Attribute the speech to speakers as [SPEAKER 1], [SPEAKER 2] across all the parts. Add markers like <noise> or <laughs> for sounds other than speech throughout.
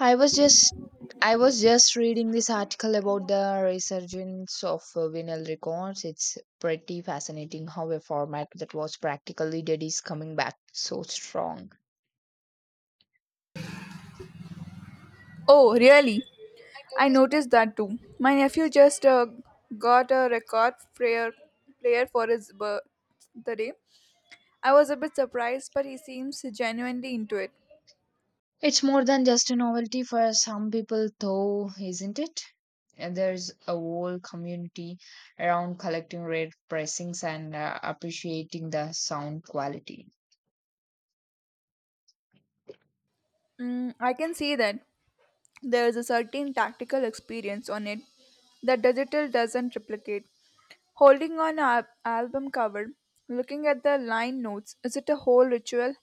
[SPEAKER 1] I was just I was just reading this article about the resurgence of vinyl records. It's pretty fascinating how a format that was practically dead is coming back so strong.
[SPEAKER 2] Oh, really? I noticed that too. My nephew just got a record player for his birthday. I was a bit surprised, but he seems genuinely into it.
[SPEAKER 1] It's more than just a novelty for some people, though, isn't it? And there's a whole community around collecting rare pressings and appreciating the sound quality.
[SPEAKER 2] Mm, I can see that there is a certain tactical experience on it that digital doesn't replicate. Holding on an album cover, looking at the line notes, is it a whole ritual?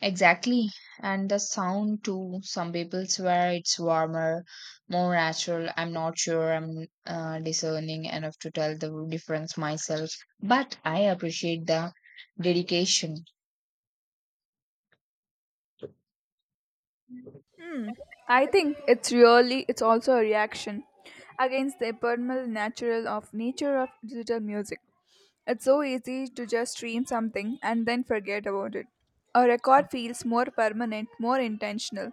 [SPEAKER 1] Exactly. And the sound too. Some people swear it's warmer, more natural. I'm not sure I'm discerning enough to tell the difference myself, but I appreciate the dedication.
[SPEAKER 2] I think it's really It's also a reaction against the ephemeral natural of nature of digital music. It's so easy to just stream something and then forget about it. A record feels more permanent, more intentional.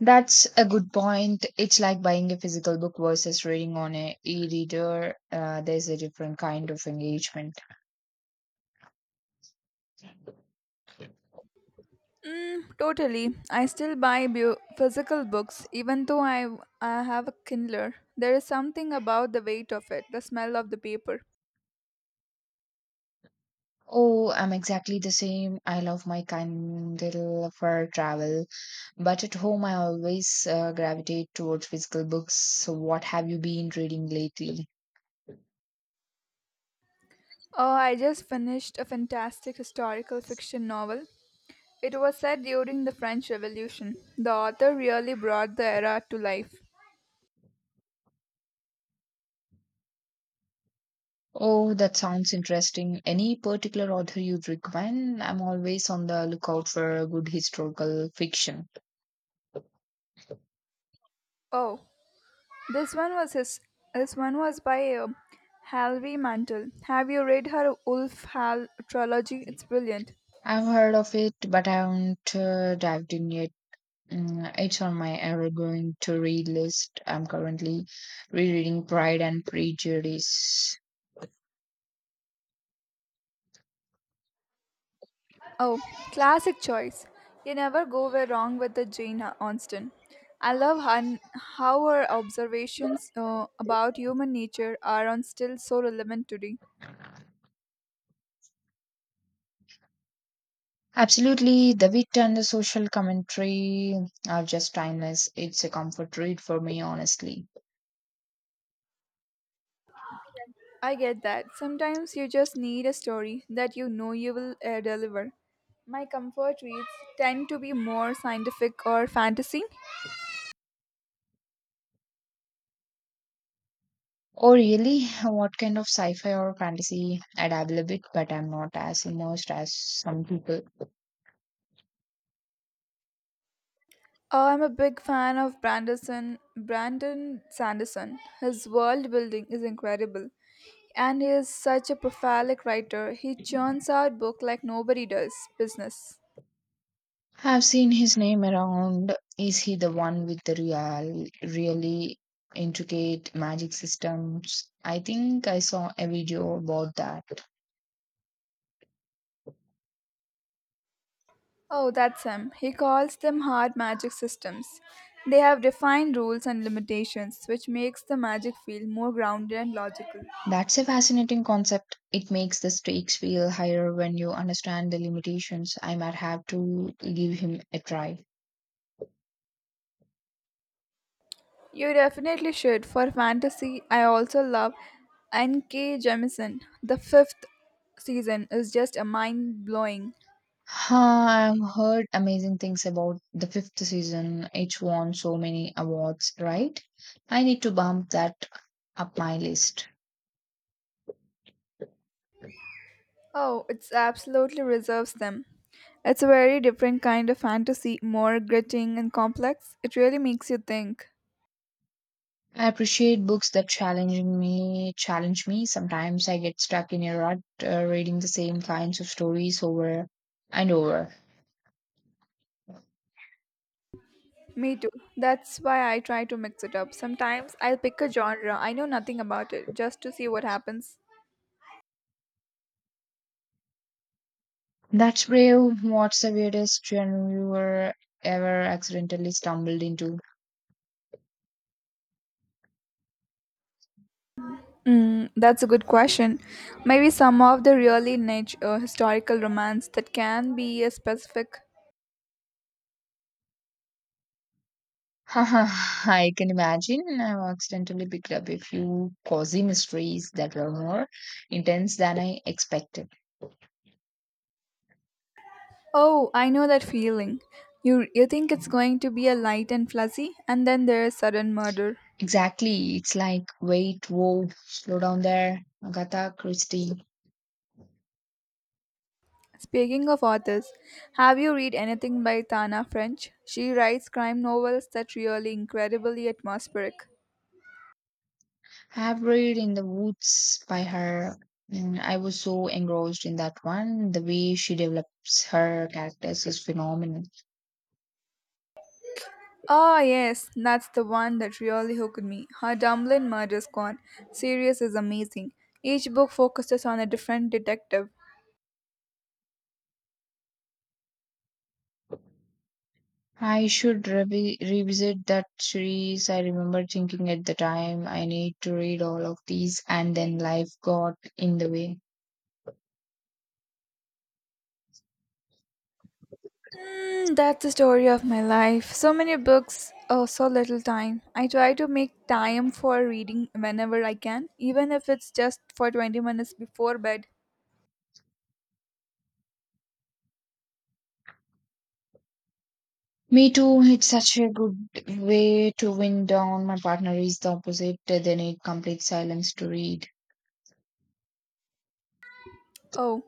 [SPEAKER 1] That's a good point. It's like buying a physical book versus reading on a e-reader. There's a different kind of engagement.
[SPEAKER 2] Totally. I still buy physical books even though I have a Kindler. There is something about the weight of it, the smell of the paper.
[SPEAKER 1] Oh, I'm exactly the same. I love my Kindle for travel, but at home I always gravitate towards physical books. So, what have you been reading lately?
[SPEAKER 2] Oh, I just finished a fantastic historical fiction novel. It was set during the French Revolution. The author really brought the era to life.
[SPEAKER 1] Oh, that sounds interesting. Any particular author you'd recommend? I'm always on the lookout for good historical fiction.
[SPEAKER 2] Oh, this one was his. This one was by Halvey Mantle. Have you read her Wolf Hall trilogy? It's brilliant.
[SPEAKER 1] I've heard of it, but I haven't dived in yet. Mm, it's on my ever going to read list. I'm currently rereading Pride and Prejudice.
[SPEAKER 2] Oh, classic choice. You never go where wrong with the Jane Austen. I love hun- how her observations about human nature are on still so relevant today.
[SPEAKER 1] Absolutely, the wit and the social commentary are just timeless. It's a comfort read for me, honestly.
[SPEAKER 2] I get that. Sometimes you just need a story that you know you will deliver. My comfort reads tend to be more scientific or fantasy.
[SPEAKER 1] Oh, really? What kind of sci fi or fantasy? I dabble a bit, but I'm not as immersed as some people.
[SPEAKER 2] I'm a big fan of Brandon Sanderson. His world building is incredible, and he is such a prolific writer. He churns out book like nobody does business.
[SPEAKER 1] Have seen his name around. Is he the one with the really intricate magic systems? I think I saw a video about that.
[SPEAKER 2] Oh, that's him. He calls them hard magic systems. They have defined rules and limitations, which makes the magic feel more grounded and logical.
[SPEAKER 1] That's a fascinating concept. It makes the stakes feel higher when you understand the limitations. I might have to give him a try.
[SPEAKER 2] You definitely should. For fantasy, I also love N.K. Jemisin. The fifth season is just a mind blowing.
[SPEAKER 1] Huh, I've heard amazing things about the fifth season. It won so many awards, right? I need to bump that up my list.
[SPEAKER 2] Oh, it's absolutely reserves them. It's a very different kind of fantasy, more gritting and complex. It really makes you think.
[SPEAKER 1] I appreciate books that challenging me challenge me. Sometimes I get stuck in a rut reading the same kinds of stories over and over.
[SPEAKER 2] Me too. That's why I try to mix it up. Sometimes I'll pick a genre I know nothing about it just to see what happens.
[SPEAKER 1] That's brave. What's the weirdest genre you were ever accidentally stumbled into?
[SPEAKER 2] Mm, that's a good question. Maybe some of the really niche historical romance that can be a specific.
[SPEAKER 1] <laughs> I can imagine. I've accidentally picked up a few cozy mysteries that were more intense than I expected.
[SPEAKER 2] Oh, I know that feeling. You think it's going to be a light and fuzzy, and then there is sudden murder.
[SPEAKER 1] Exactly. It's like, wait, whoa, slow down there. Agatha Christie.
[SPEAKER 2] Speaking of authors, have you read anything by Tana French? She writes crime novels that really incredibly atmospheric.
[SPEAKER 1] I have read in the woods by her, and I was so engrossed in that one. The way she develops her characters is phenomenal.
[SPEAKER 2] Oh yes, that's the one that really hooked me. Her Dublin Murder Squad series is amazing. Each book focuses on a different detective.
[SPEAKER 1] I should revisit that series. I remember thinking at the time I need to read all of these, and then life got in the way.
[SPEAKER 2] Hmm, that's the story of my life. So many books, oh, so little time. I try to make time for reading whenever I can, even if it's just for 20 minutes before bed.
[SPEAKER 1] Me too. It's such a good way to wind down. My partner is the opposite. They need complete silence to read.
[SPEAKER 2] Oh,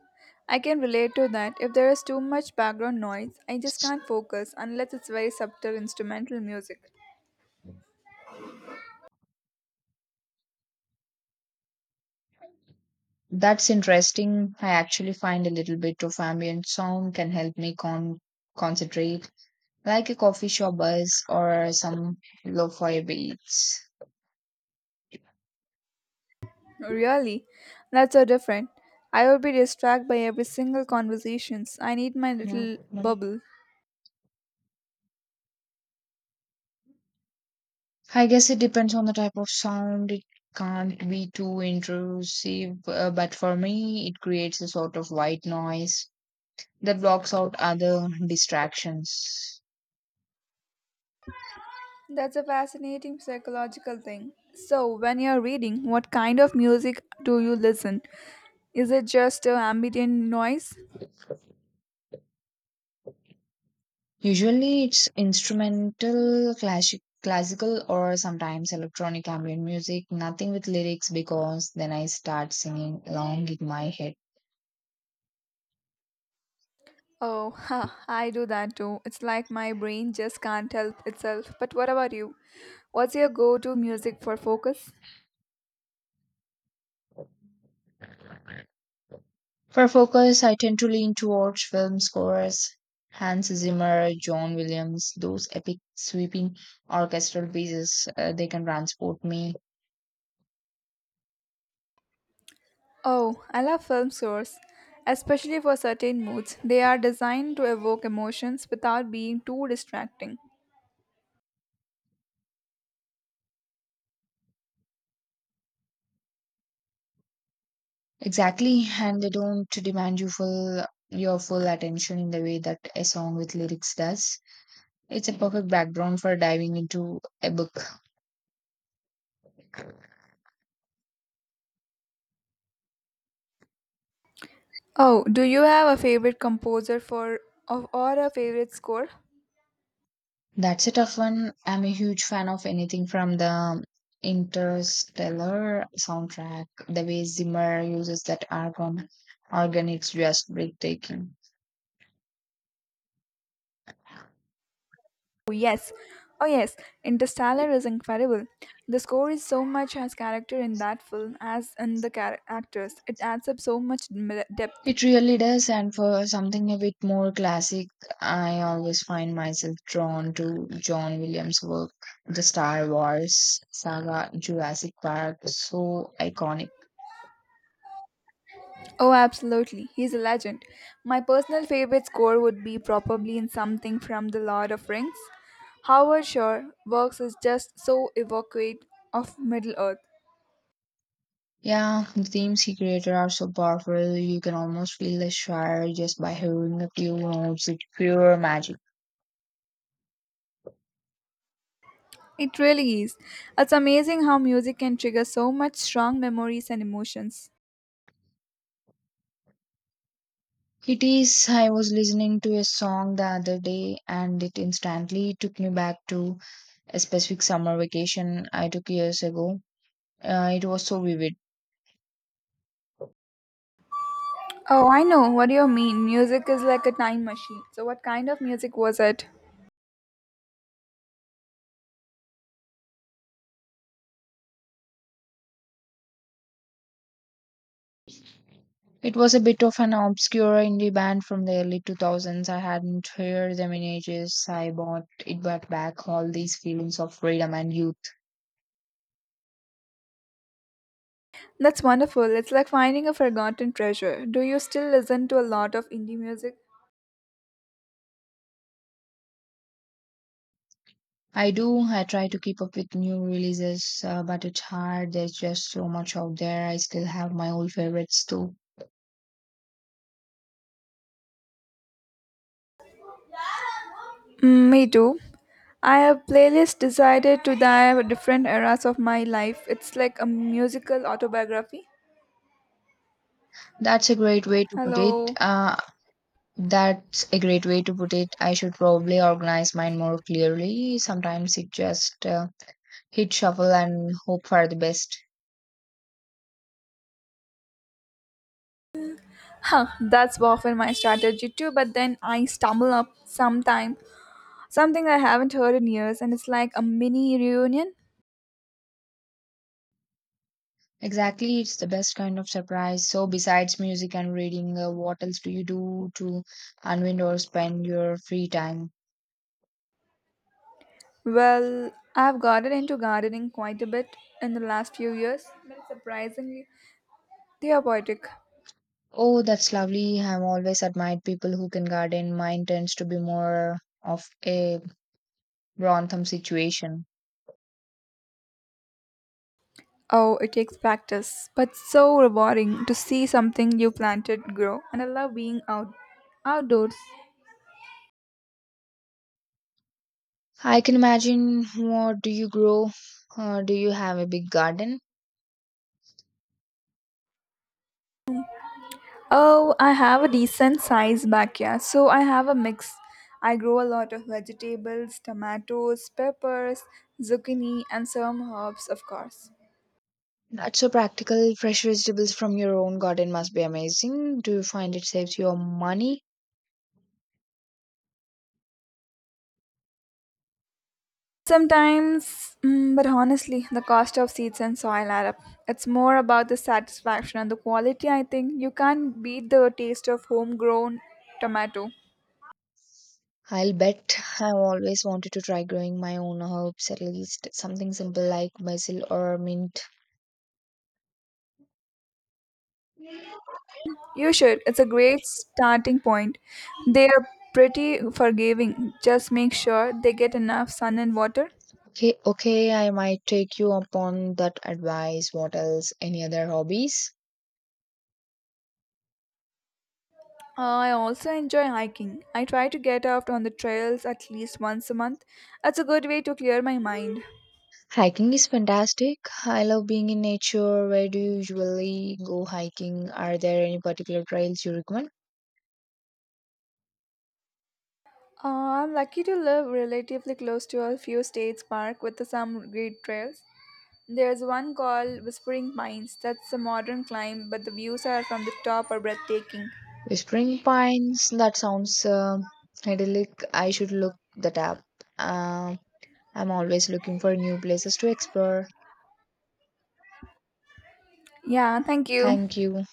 [SPEAKER 2] I can relate to that. If there is too much background noise, I just can't focus unless it's very subtle instrumental music.
[SPEAKER 1] That's interesting. I actually find a little bit of ambient sound can help me concentrate, like a coffee shop buzz or some lo-fi beats.
[SPEAKER 2] Really? That's so different. I would be distracted by every single conversations. I need my little bubble.
[SPEAKER 1] I guess it depends on the type of sound. It can't be too intrusive, but for me, it creates a sort of white noise that blocks out other distractions.
[SPEAKER 2] That's a fascinating psychological thing. So, when you're reading, what kind of music do you listen? Is it just ambient noise?
[SPEAKER 1] Usually it's instrumental, classic, classical, or sometimes electronic ambient music, nothing with lyrics because then I start singing along in my head.
[SPEAKER 2] Oh, ha, I do that too. It's like my brain just can't help itself. But what about you? What's your go to music for focus?
[SPEAKER 1] For focus, I tend to lean towards film scores, Hans Zimmer, John Williams, those epic sweeping orchestral pieces, they can transport me.
[SPEAKER 2] Oh, I love film scores, especially for certain moods. They are designed to evoke emotions without being too distracting.
[SPEAKER 1] Exactly, and they don't demand your full attention in the way that a song with lyrics does. It's a perfect background for diving into a book.
[SPEAKER 2] Oh, do you have a favorite composer for, or a favorite score?
[SPEAKER 1] That's a tough one. I'm a huge fan of anything from the Interstellar soundtrack. The way Zimmer uses that argon organ is just breathtaking.
[SPEAKER 2] Oh yes, oh yes, Interstellar is incredible. The score is so much as character in that film as in the actors. It adds up so much depth.
[SPEAKER 1] It really does, and for something a bit more classic, I always find myself drawn to John Williams' work. The Star Wars saga, Jurassic Park, so iconic.
[SPEAKER 2] Oh, absolutely, he's a legend. My personal favorite score would be probably in something from The Lord of Rings. Howard Shore works is just so evocative of Middle Earth.
[SPEAKER 1] Yeah, the themes he created are so powerful. You can almost feel the shire just by hearing a few notes. It's pure magic.
[SPEAKER 2] It really is. It's amazing how music can trigger so much strong memories and emotions.
[SPEAKER 1] It is. I was listening to a song the other day and it instantly took me back to a specific summer vacation I took years ago. It was so vivid.
[SPEAKER 2] Oh, I know what do you mean. Music is like a time machine. So, what kind of music was it?
[SPEAKER 1] It was a bit of an obscure indie band from the early 2000s. I hadn't heard them in ages. I bought it brought back all these feelings of freedom and youth.
[SPEAKER 2] That's wonderful. It's like finding a forgotten treasure. Do you still listen to a lot of indie music?
[SPEAKER 1] I do. I try to keep up with new releases, but it's hard. There's just so much out there. I still have my old favorites too.
[SPEAKER 2] Mm, me too. I have playlist decided to dive different eras of my life. It's like a musical autobiography.
[SPEAKER 1] That's a great way to put it.
[SPEAKER 2] Hello.
[SPEAKER 1] That's a great way to put it. I should probably organize mine more clearly. Sometimes it just hit shuffle and hope for the best.
[SPEAKER 2] Huh, that's often my strategy too, but then I stumble up sometime something I haven't heard in years and it's like a mini reunion.
[SPEAKER 1] Exactly, it's the best kind of surprise. So, besides music and reading, what else do you do to unwind or spend your free time?
[SPEAKER 2] Well, I've gotten into gardening quite a bit in the last few years, but it's surprisingly therapeutic.
[SPEAKER 1] Oh, that's lovely. I've always admired people who can garden. Mine tends to be more of a Grantham situation.
[SPEAKER 2] Oh, it takes practice, but so rewarding to see something you planted grow, and I love being outdoors.
[SPEAKER 1] I can imagine. What do you grow? Do you have a big garden?
[SPEAKER 2] Oh, I have a decent sized backyard, so I have a mix. I grow a lot of vegetables, tomatoes, peppers, zucchini, and some herbs, of course.
[SPEAKER 1] That's so practical. Fresh vegetables from your own garden must be amazing. Do you find it saves your money?
[SPEAKER 2] Sometimes, mm, but honestly, the cost of seeds and soil add up. It's more about the satisfaction and the quality, I think. You can't beat the taste of homegrown tomato.
[SPEAKER 1] I'll bet. I've always wanted to try growing my own herbs, at least something simple like basil or mint.
[SPEAKER 2] You should. It's a great starting point. They are pretty forgiving. Just make sure they get enough sun and water.
[SPEAKER 1] Okay, okay, I might take you upon that advice. What else? Any other hobbies?
[SPEAKER 2] I also enjoy hiking. I try to get out on the trails at least once a month. It's a good way to clear my mind.
[SPEAKER 1] Hiking is fantastic. I love being in nature. Where do you usually go hiking? Are there any particular trails you recommend?
[SPEAKER 2] I'm lucky to live relatively close to a few states park with some great trails. There's one called Whispering Pines. That's a modern climb, but the views are from the top are breathtaking.
[SPEAKER 1] Whispering Pines. That sounds idyllic. I should look that up. Um I'm always looking for new places to explore.
[SPEAKER 2] Yeah, thank you.
[SPEAKER 1] Thank you.